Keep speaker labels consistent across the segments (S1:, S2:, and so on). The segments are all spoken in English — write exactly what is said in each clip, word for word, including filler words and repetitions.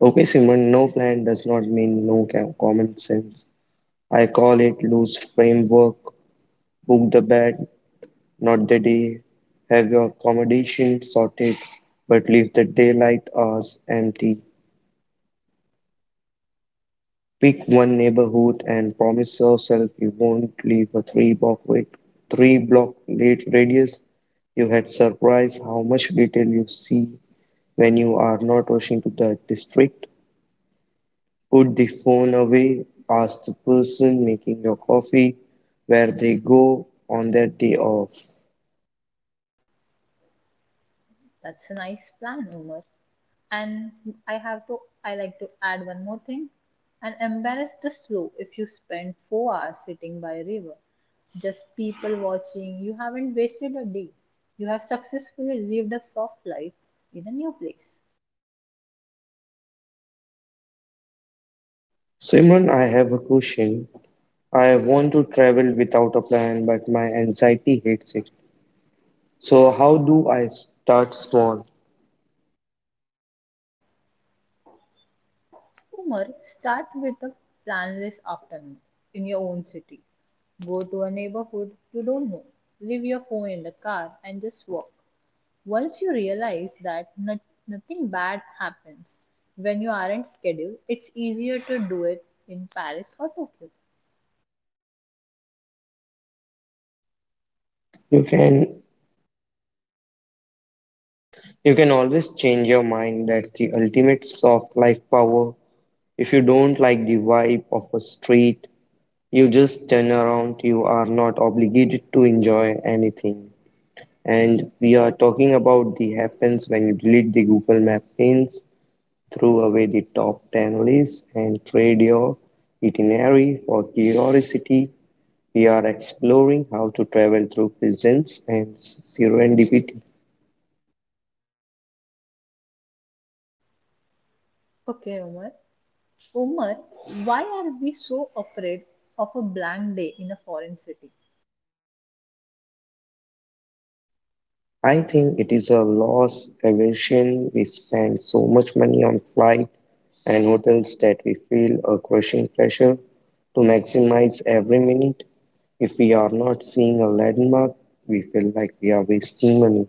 S1: Okay, Simran, no plan does not mean no ca- common sense. I call it loose framework. Book the bed, not the day. Have your accommodation sorted, but leave the daylight hours empty. Pick one neighborhood and promise yourself you won't leave a three block wait, three block late radius. You had surprised how much detail you see when you are not rushing to the district. Put the phone away, ask the person making your coffee where they go on their day off.
S2: That's a nice plan, Umar. And I have to, I like to add one more thing. And embarrass the slow if you spend four hours sitting by a river. Just people watching, you haven't wasted a day. You have successfully lived a soft life in a new place.
S1: Simran, I have a question. I want to travel without a plan, but my anxiety hates it. So how do I start small?
S2: Umar, start with a plan this afternoon in your own city. Go to a neighborhood you don't know. Leave your phone in the car and just walk. Once you realize that not, nothing bad happens when you aren't scheduled, it's easier to do it in Paris or Tokyo.
S1: You can you can always change your mind. That's the ultimate soft life power. If you don't like the vibe of a street, you just turn around. You are not obligated to enjoy anything. And we are talking about the happens when you delete the Google Map pins, throw away the top ten lists, and trade your itinerary for curiosity. We are exploring how to travel through presence and serendipity.
S2: Okay, Umar. Umar, why are we so afraid of a blank day in a foreign city?
S1: I think it is a loss aversion. We spend so much money on flight and hotels that we feel a crushing pressure to maximize every minute. If we are not seeing a landmark, we feel like we are wasting money.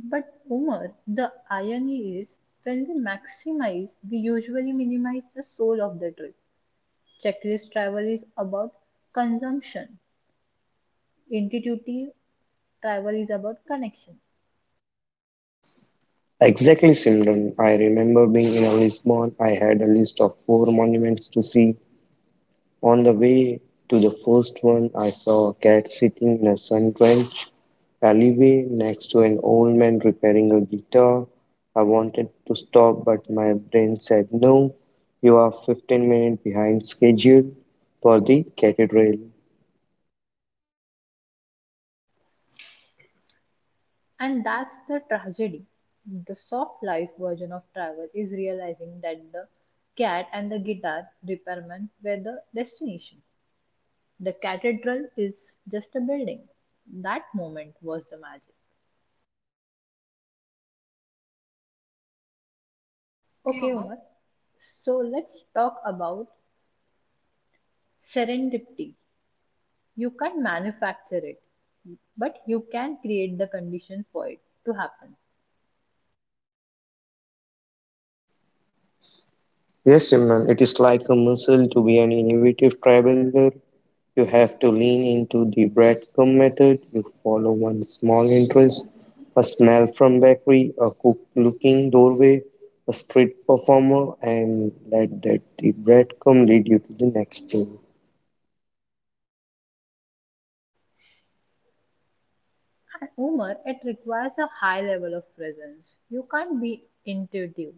S2: But Umar, the irony is when we maximize, we usually minimize the soul of the trip. Checklist travel is about consumption, intuitive travel is about connection.
S1: Exactly, Simran. I remember being in Lisbon. I had a list of four monuments to see. On the way to the first one, I saw a cat sitting in a sun drenched alleyway next to an old man repairing a guitar. I wanted to stop, but my brain said, No, you are fifteen minutes behind schedule for the cathedral.
S2: And that's the tragedy. The soft life version of travel is realizing that the cat and the guitar repairman were the destination. The cathedral is just a building. That moment was the magic. Okay, Umar, so let's talk about serendipity. You can't manufacture it, but you can create the condition for it to happen.
S1: Yes, Simran, it is like a muscle to be an innovative traveler. You have to lean into the breadcrumb method. You follow one small interest, a smell from bakery, a cook looking doorway, a street performer, and let that the breadcrumb lead you to the next thing.
S2: And Umar, it requires a high level of presence. You can't be intuitive.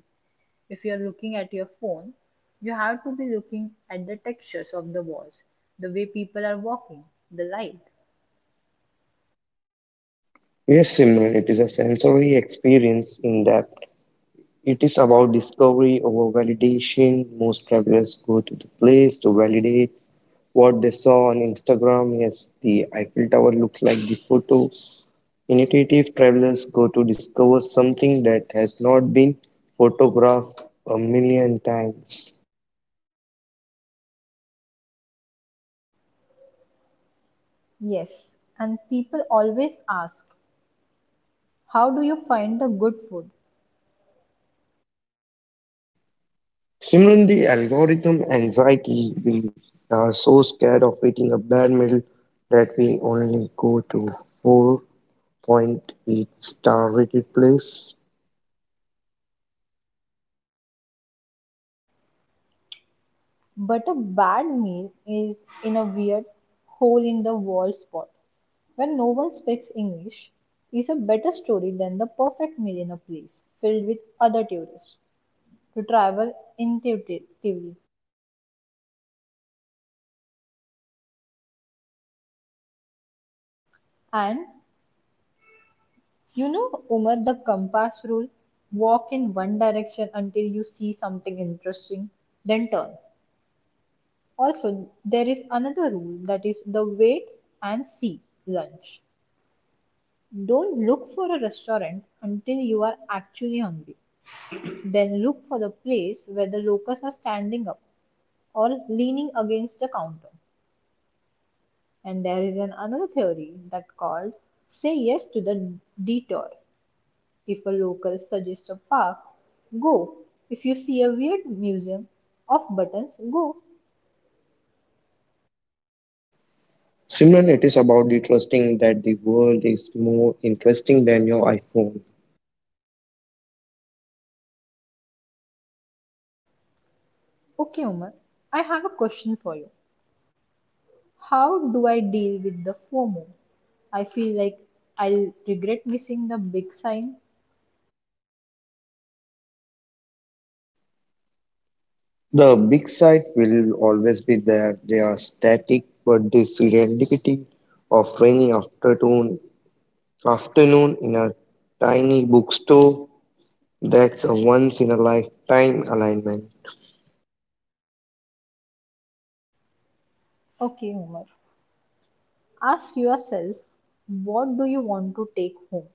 S2: If you're looking at your phone, you have to be looking at the textures of the walls, the way people are walking, the light.
S1: Yes, Simran, it is a sensory experience in depth. It is about discovery over validation. Most travelers go to the place to validate what they saw on Instagram. Yes, the Eiffel Tower looked like the photo. Intuitive travelers go to discover something that has not been photographed a million times.
S2: Yes, and people always ask, how do you find the good food?
S1: Similarly, algorithm anxiety, we are so scared of eating a bad meal that we only go to four point eight star rated place.
S2: But a bad meal is in a weird hole in the wall spot. When no one speaks English is a better story than the perfect millionaire place, filled with other tourists to travel intuitively. And you know, Umar, the compass rule, walk in one direction until you see something interesting, then turn. Also, there is another rule that is the wait and see lunch. Don't look for a restaurant until you are actually hungry. Then look for the place where the locals are standing up or leaning against the counter. And there is an another theory that called say yes to the detour. If a local suggests a park, go. If you see a weird museum of buttons, go.
S1: Similarly, it is about the trusting that the world is more interesting than your iPhone.
S2: Okay, Umar, I have a question for you. How do I deal with the FOMO? I feel like I'll regret missing the big sign.
S1: The big side will always be there. They are static, but the serendipity of rainy afternoon, afternoon in a tiny bookstore, that's a once in a lifetime alignment.
S2: Okay, Umar. Ask yourself, what do you want to take home?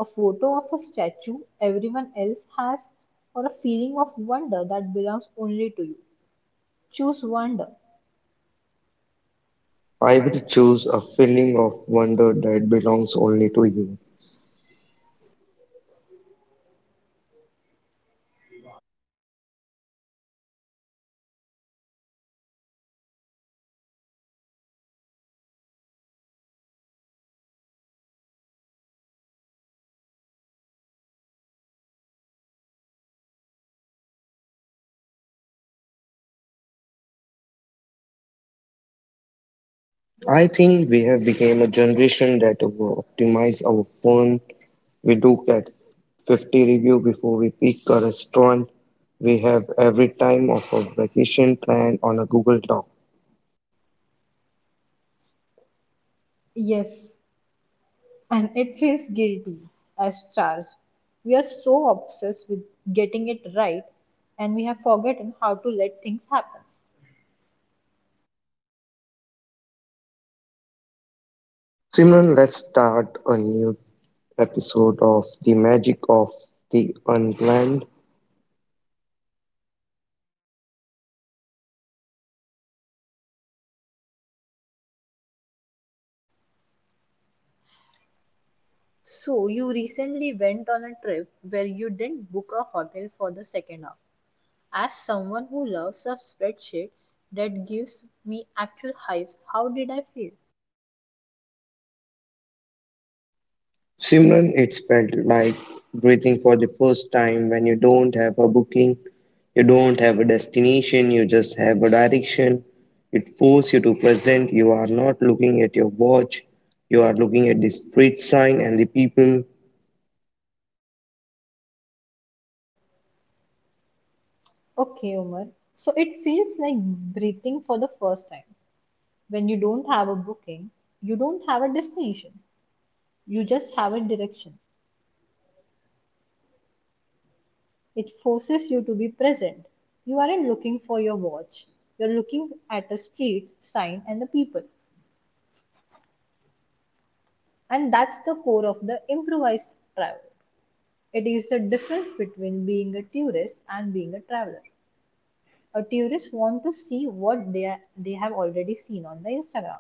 S2: A photo of a statue everyone else has, or a feeling of wonder that belongs only to you. Choose wonder.
S1: I would choose a feeling of wonder that belongs only to you. I think we have become a generation that over optimize our phone. We do get fifty review before we pick a restaurant. We have every time of a vacation plan on a Google Doc.
S2: Yes, and it feels guilty as stars. We are so obsessed with getting it right and we have forgotten how to let things happen.
S1: Simran, let's start a new episode of The Magic of the Unplanned.
S2: So, you recently went on a trip where you didn't book a hotel for the second half. As someone who loves a spreadsheet that gives me actual hives, how did I feel?
S1: Simran, it's felt like breathing for the first time when you don't have a booking, you don't have a destination, you just have a direction. It forces you to present. You are not looking at your watch, you are looking at the street sign and the people.
S2: Okay, Umar. So it feels like breathing for the first time. When you don't have a booking, you don't have a destination. You just have a direction. It forces you to be present. You aren't looking for your watch. You're looking at a street sign and the people. And that's the core of the improvised travel. It is the difference between being a tourist and being a traveler. A tourist wants to see what they, are, they have already seen on the Instagram.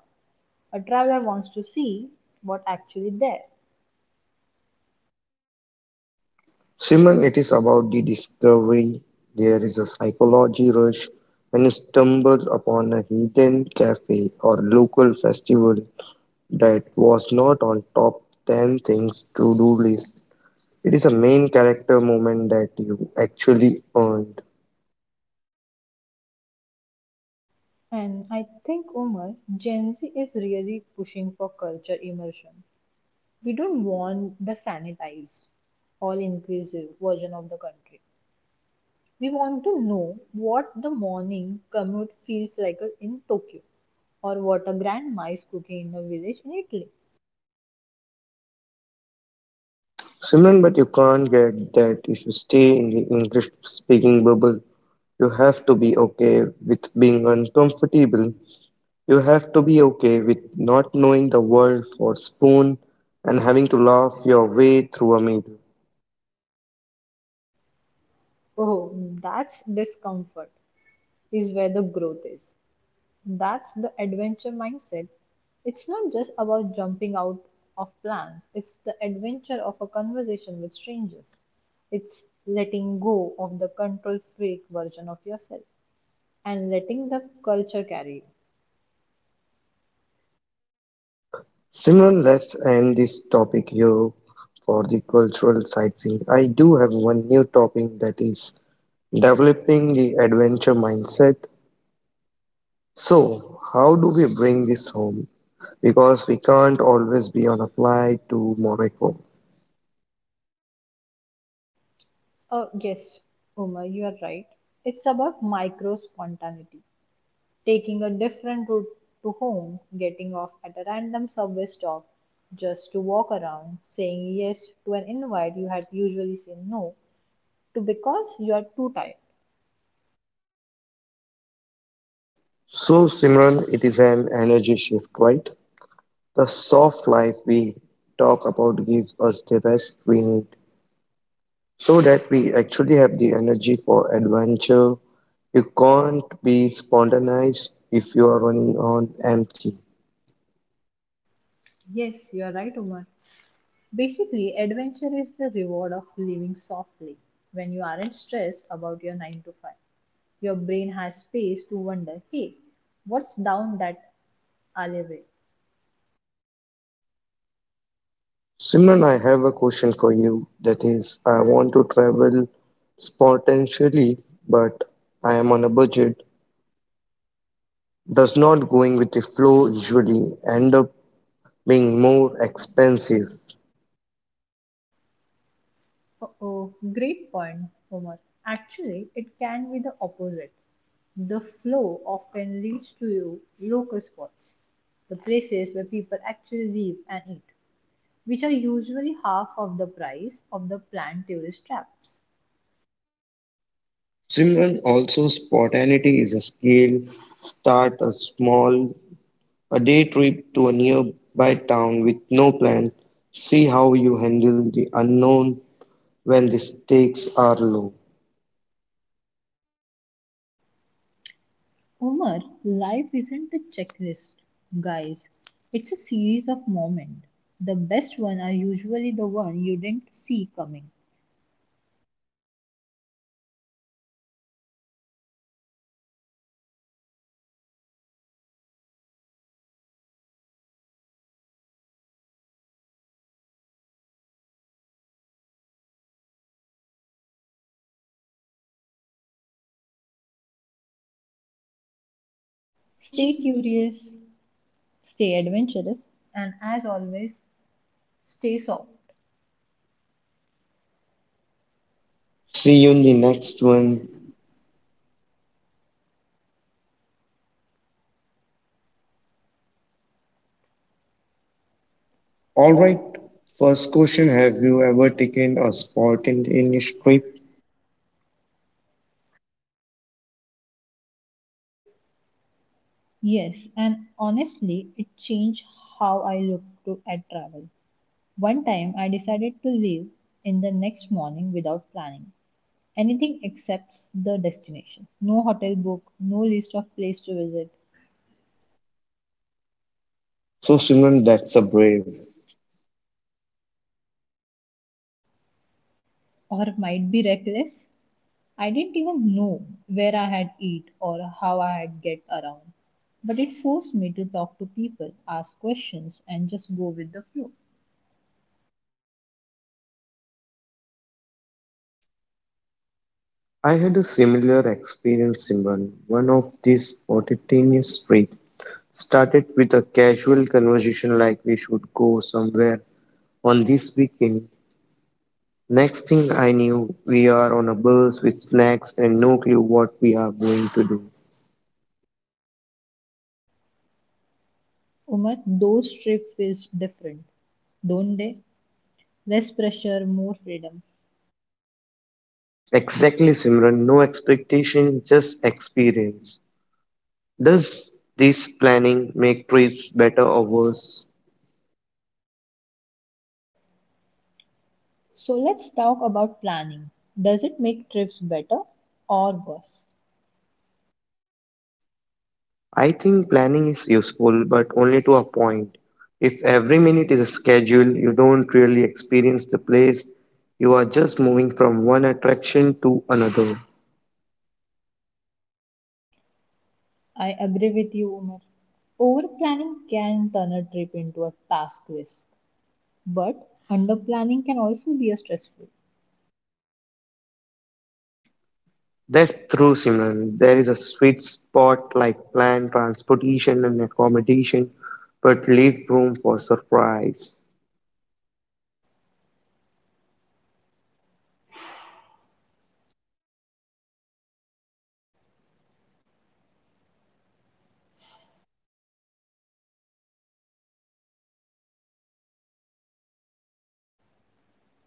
S2: A traveler wants to see what actually there.
S1: Simon, it is about the discovery. There is a psychology rush when you stumble upon a hidden cafe or local festival that was not on top ten things to do list. It is a main character moment that you actually earned.
S2: And I think, Umar, Gen Z is really pushing for culture immersion. We don't want the sanitized, all inclusive version of the country. We want to know what the morning commute feels like in Tokyo or what a grandma is cooking in a village in Italy.
S1: Simon, but you can't get that if you stay in the English speaking bubble. You have to be okay with being uncomfortable. You have to be okay with not knowing the world for spoon and having to laugh your way through a middle.
S2: Oh, that's discomfort is where the growth is. That's the adventure mindset. It's not just about jumping out of plans, it's the adventure of a conversation with strangers. It's letting go of the control freak version of yourself and letting the culture carry you.
S1: Simran, let's end this topic here for the cultural sightseeing. I do have one new topic that is developing the adventure mindset. So, how do we bring this home? Because we can't always be on a flight to Morocco.
S2: Oh, yes, Uma, you are right. It's about micro spontaneity. Taking a different route to home, getting off at a random subway stop just to walk around, saying yes to an invite you had usually said no, to because you are too tired.
S1: So, Simran, it is an energy shift, right? The soft life we talk about gives us the rest we need so that we actually have the energy for adventure. You can't be spontaneous if you are running on empty.
S2: Yes, you are right, Umar. Basically, adventure is the reward of living softly. When you aren't stressed about your nine to five, your brain has space to wonder, hey, what's down that alleyway?
S1: Simran, I have a question for you. That is, I want to travel spontaneously, but I am on a budget. Does not going with the flow usually end up being more expensive?
S2: Oh, great point, Omar. Actually, it can be the opposite. The flow often leads to you local spots, the places where people actually live and eat, which are usually half of the price of the planned tourist traps.
S1: Simran also spontaneity is a skill. Start a small a day trip to a nearby town with no plan. See how you handle the unknown when the stakes are low.
S2: Omar, life isn't a checklist, guys. It's a series of moments. The best ones are usually the one you didn't see coming.
S1: So Simran, let's get lost in this weekend even if it is just in our neigh- own neighborhood.
S2: Stay curious, stay adventurous, and as always, stay soft.
S1: See you in the next one. Alright, first question. Have you ever taken a spontaneous trip?
S2: Yes, and honestly, it changed how I look to, at travel. One time I decided to leave in the next morning without planning anything except the destination. No hotel book, no list of place to visit,
S1: So Simran, that's a brave.
S2: or might be reckless. I didn't even know where I had eat or how I had get around. But it forced me to talk to people, ask questions, and just go with the flow.
S1: I had a similar experience in one. One of these spontaneous trips started with a casual conversation like we should go somewhere on this weekend. Next thing I knew, we are on a bus with snacks and no clue what we are going to do.
S2: Umar, those trips is different, don't they? Less pressure, more freedom.
S1: Exactly, Simran, no expectation, just experience. Does this planning make trips better or worse?
S2: So let's talk about planning. Does it make trips better or worse?
S1: I think planning is useful, but only to a point. If every minute is scheduled, you don't really experience the place. You are just moving from one attraction to another.
S2: I agree with you, Umar. Over planning can turn a trip into a task list, but under planning can also be a stressful.
S1: That's true, Simran. There is a sweet spot like planned transportation and accommodation, but leave room for surprise.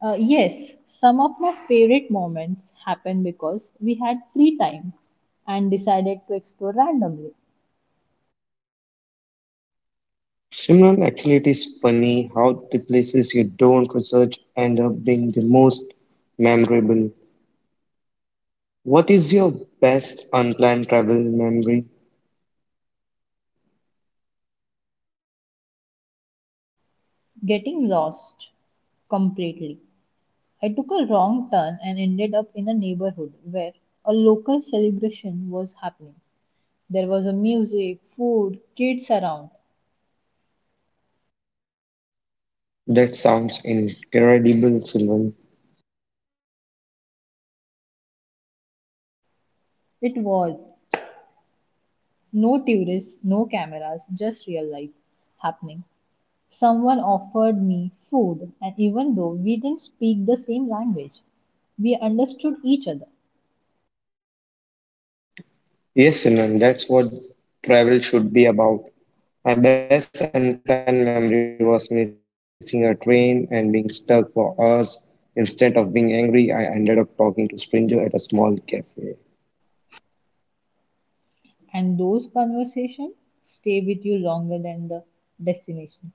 S2: Uh, yes, some of my favorite moments happened because we had free time and decided to explore randomly,
S1: Simran, actually, it is funny how the places you don't research end up being the most memorable. What is your best unplanned travel memory?
S2: getting lost completely. I took a wrong turn and ended up in a neighborhood where a local celebration was happening. There was a music, food, kids around.
S1: That sounds incredible, Simon.
S2: It was no tourists, no cameras, just real life happening. Someone offered me food, and even though we didn't speak the same language, we understood each other.
S1: Yes, Simon, that's what travel should be about. My best unkind memory was missing a train and being stuck for hours. Instead of being angry, I ended up talking to stranger at a small cafe.
S2: And those conversations stay with you longer than the destination.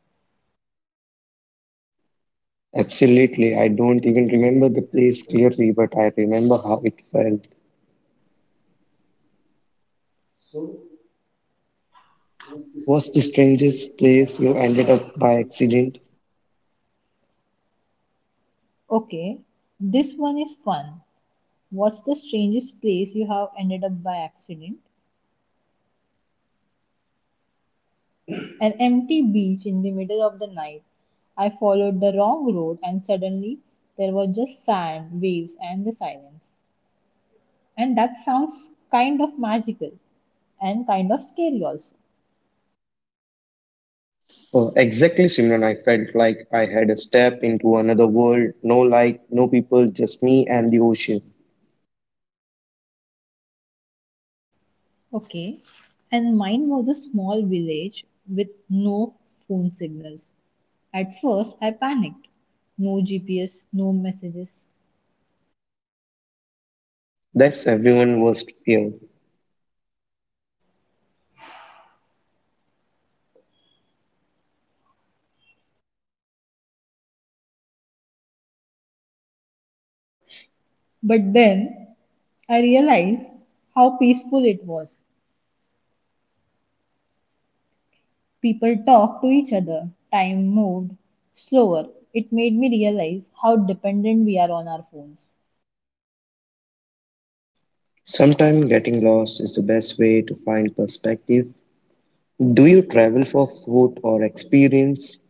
S1: Absolutely, I don't even remember the place clearly, but I remember how it felt. Was the strangest place you ended up by accident?
S2: Okay, this one is fun. What's the strangest place you have ended up by accident? An empty beach in the middle of the night. I followed the wrong road, and suddenly there was just sand, waves, and the silence. And that sounds kind of magical and kind of scary also.
S1: Oh, exactly, Simran. I felt like I had a step into another world, no light, no people, just me and the ocean.
S2: Okay. And mine was a small village with no phone signals. At first, I panicked. No G P S, no messages.
S1: That's everyone's worst fear.
S2: But then I realized how peaceful it was. People talked to each other. Time moved slower. It made me realize how dependent we are on our phones.
S1: Sometimes getting lost is the best way to find perspective. Do you travel for food or experience?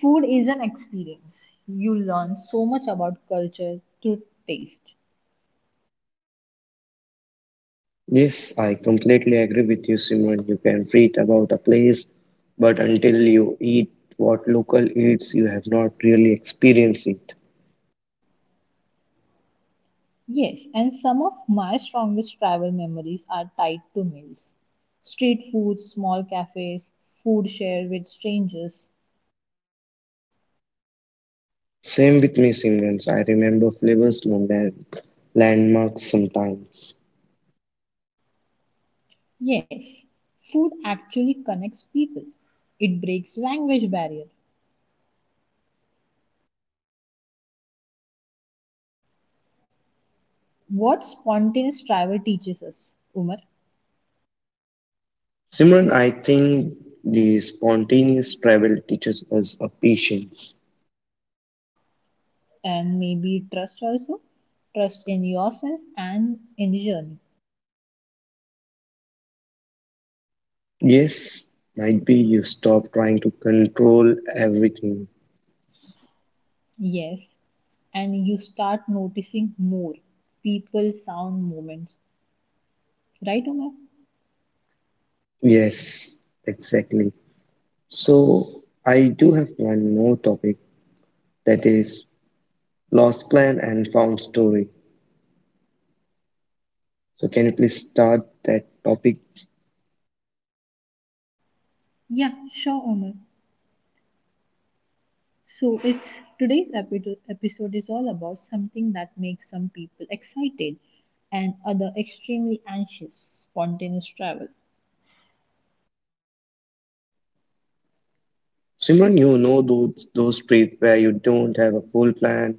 S2: Food is an experience. You learn so much about culture through taste.
S1: Yes, I completely agree with you, Simran. You can read about a place, but until you eat what local eats, you have not really experienced it.
S2: Yes, and some of my strongest travel memories are tied to meals. Street food, small cafes, food shared with strangers.
S1: Same with me, Simran. I remember flavors more than landmarks sometimes.
S2: Yes, food actually connects people. It breaks language barrier. What spontaneous travel teaches us, Umar,
S1: Simran, I think the spontaneous travel teaches us a patience.
S2: and maybe trust also. Trust in yourself and in the journey.
S1: Yes, might be you stop trying to control everything.
S2: Yes, and you start noticing more people, sound, moments. Right, Omar?
S1: Yes, exactly. So I do have one more topic that is lost plan and found story. So can you please start that topic?
S2: Yeah, sure, Omar. So it's today's epi- episode is all about something that makes some people excited and other extremely anxious, spontaneous travel.
S1: Simran, you know those those trips where you don't have a full plan,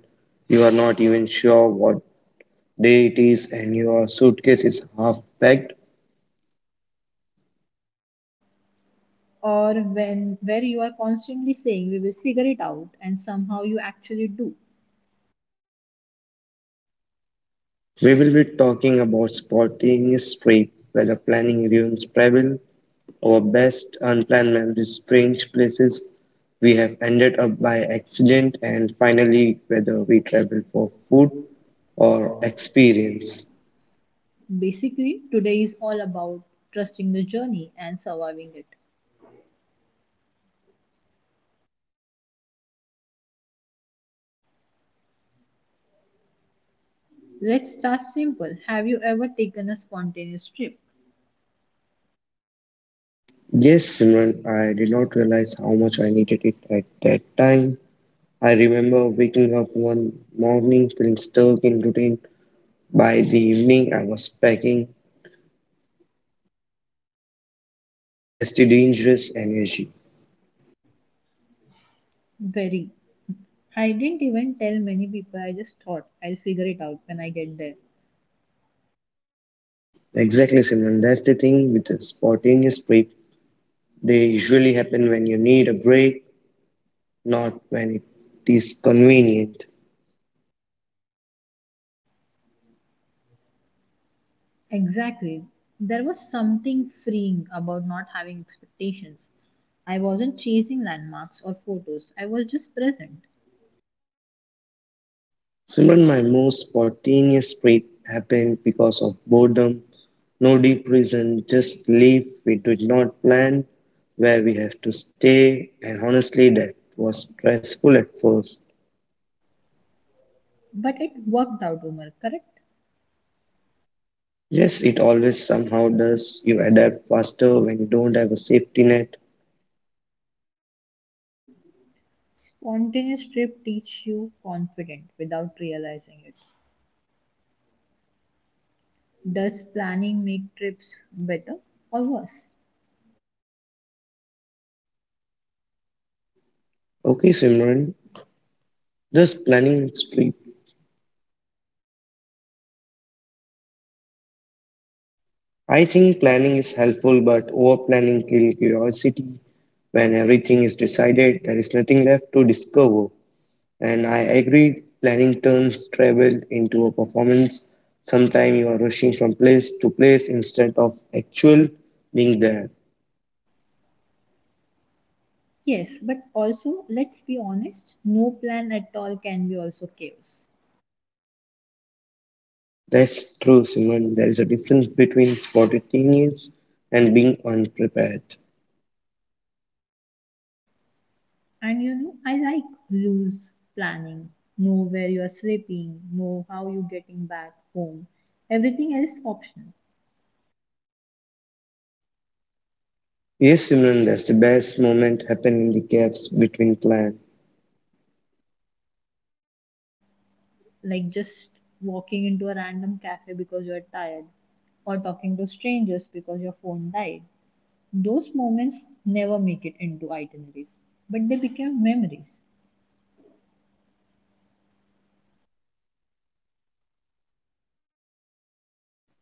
S1: you are not even sure what day it is, and your suitcase is half packed.
S2: Or when where you are constantly saying we will figure it out and somehow you actually do.
S1: We will be talking about spontaneous trips, whether planning ruins travel, our best unplanned memories, strange places we have ended up by accident, and finally whether we travel for food or experience.
S2: Basically, today is all about trusting the journey and surviving it. Let's start simple. Have you ever taken a spontaneous trip?
S1: Yes, Simran, I did not realize how much I needed it at that time. I remember waking up one morning feeling stuck in routine. By the evening, I was packing, and that's the dangerous energy.
S2: Very. I didn't even tell many people. I just thought I'll figure it out when I get there.
S1: Exactly, Simon. That's the thing with the spontaneous break. They usually happen when you need a break, not when it is convenient.
S2: Exactly. There was something freeing about not having expectations. I wasn't chasing landmarks or photos. I was just present.
S1: Simran, my most spontaneous break happened because of boredom. No deep reason, just leave. We did not plan where we have to stay, and honestly, that was stressful at first.
S2: But it worked out, Umar, correct?
S1: Yes, it always somehow does. You adapt faster when you don't have a safety net.
S2: Spontaneous trip teach you confident without realizing it. Does planning make trips better or worse?
S1: Okay, Simran, does planning street? I think planning is helpful, but over planning kills curiosity. When everything is decided, there is nothing left to discover. And I agree, planning turns travel into a performance. Sometimes you are rushing from place to place instead of actual being there.
S2: Yes, but also let's be honest, no plan at all can be also chaos.
S1: That's true, Simran. There is a difference between spontaneous and being unprepared.
S2: And you know, I like loose planning. Know where you are sleeping, know how you're getting back home. Everything else is optional.
S1: Yes, Simran, that's the best moment happened in the gaps between plans.
S2: Like just walking into a random cafe because you're tired, or talking to strangers because your phone died. Those moments never make it into itineraries, but they become memories.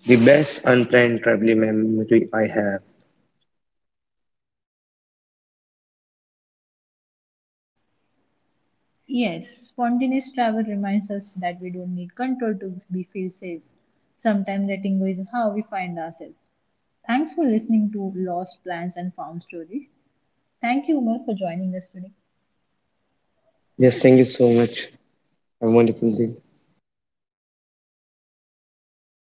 S1: The best unplanned traveling memory I have.
S2: Yes, spontaneous travel reminds us that we don't need control to be feel safe. Sometimes letting go is how we find ourselves. Thanks for listening to Lost Plans and Found Stories. Thank you, Umar, for joining us today.
S1: Yes, thank you so much. Have a wonderful day.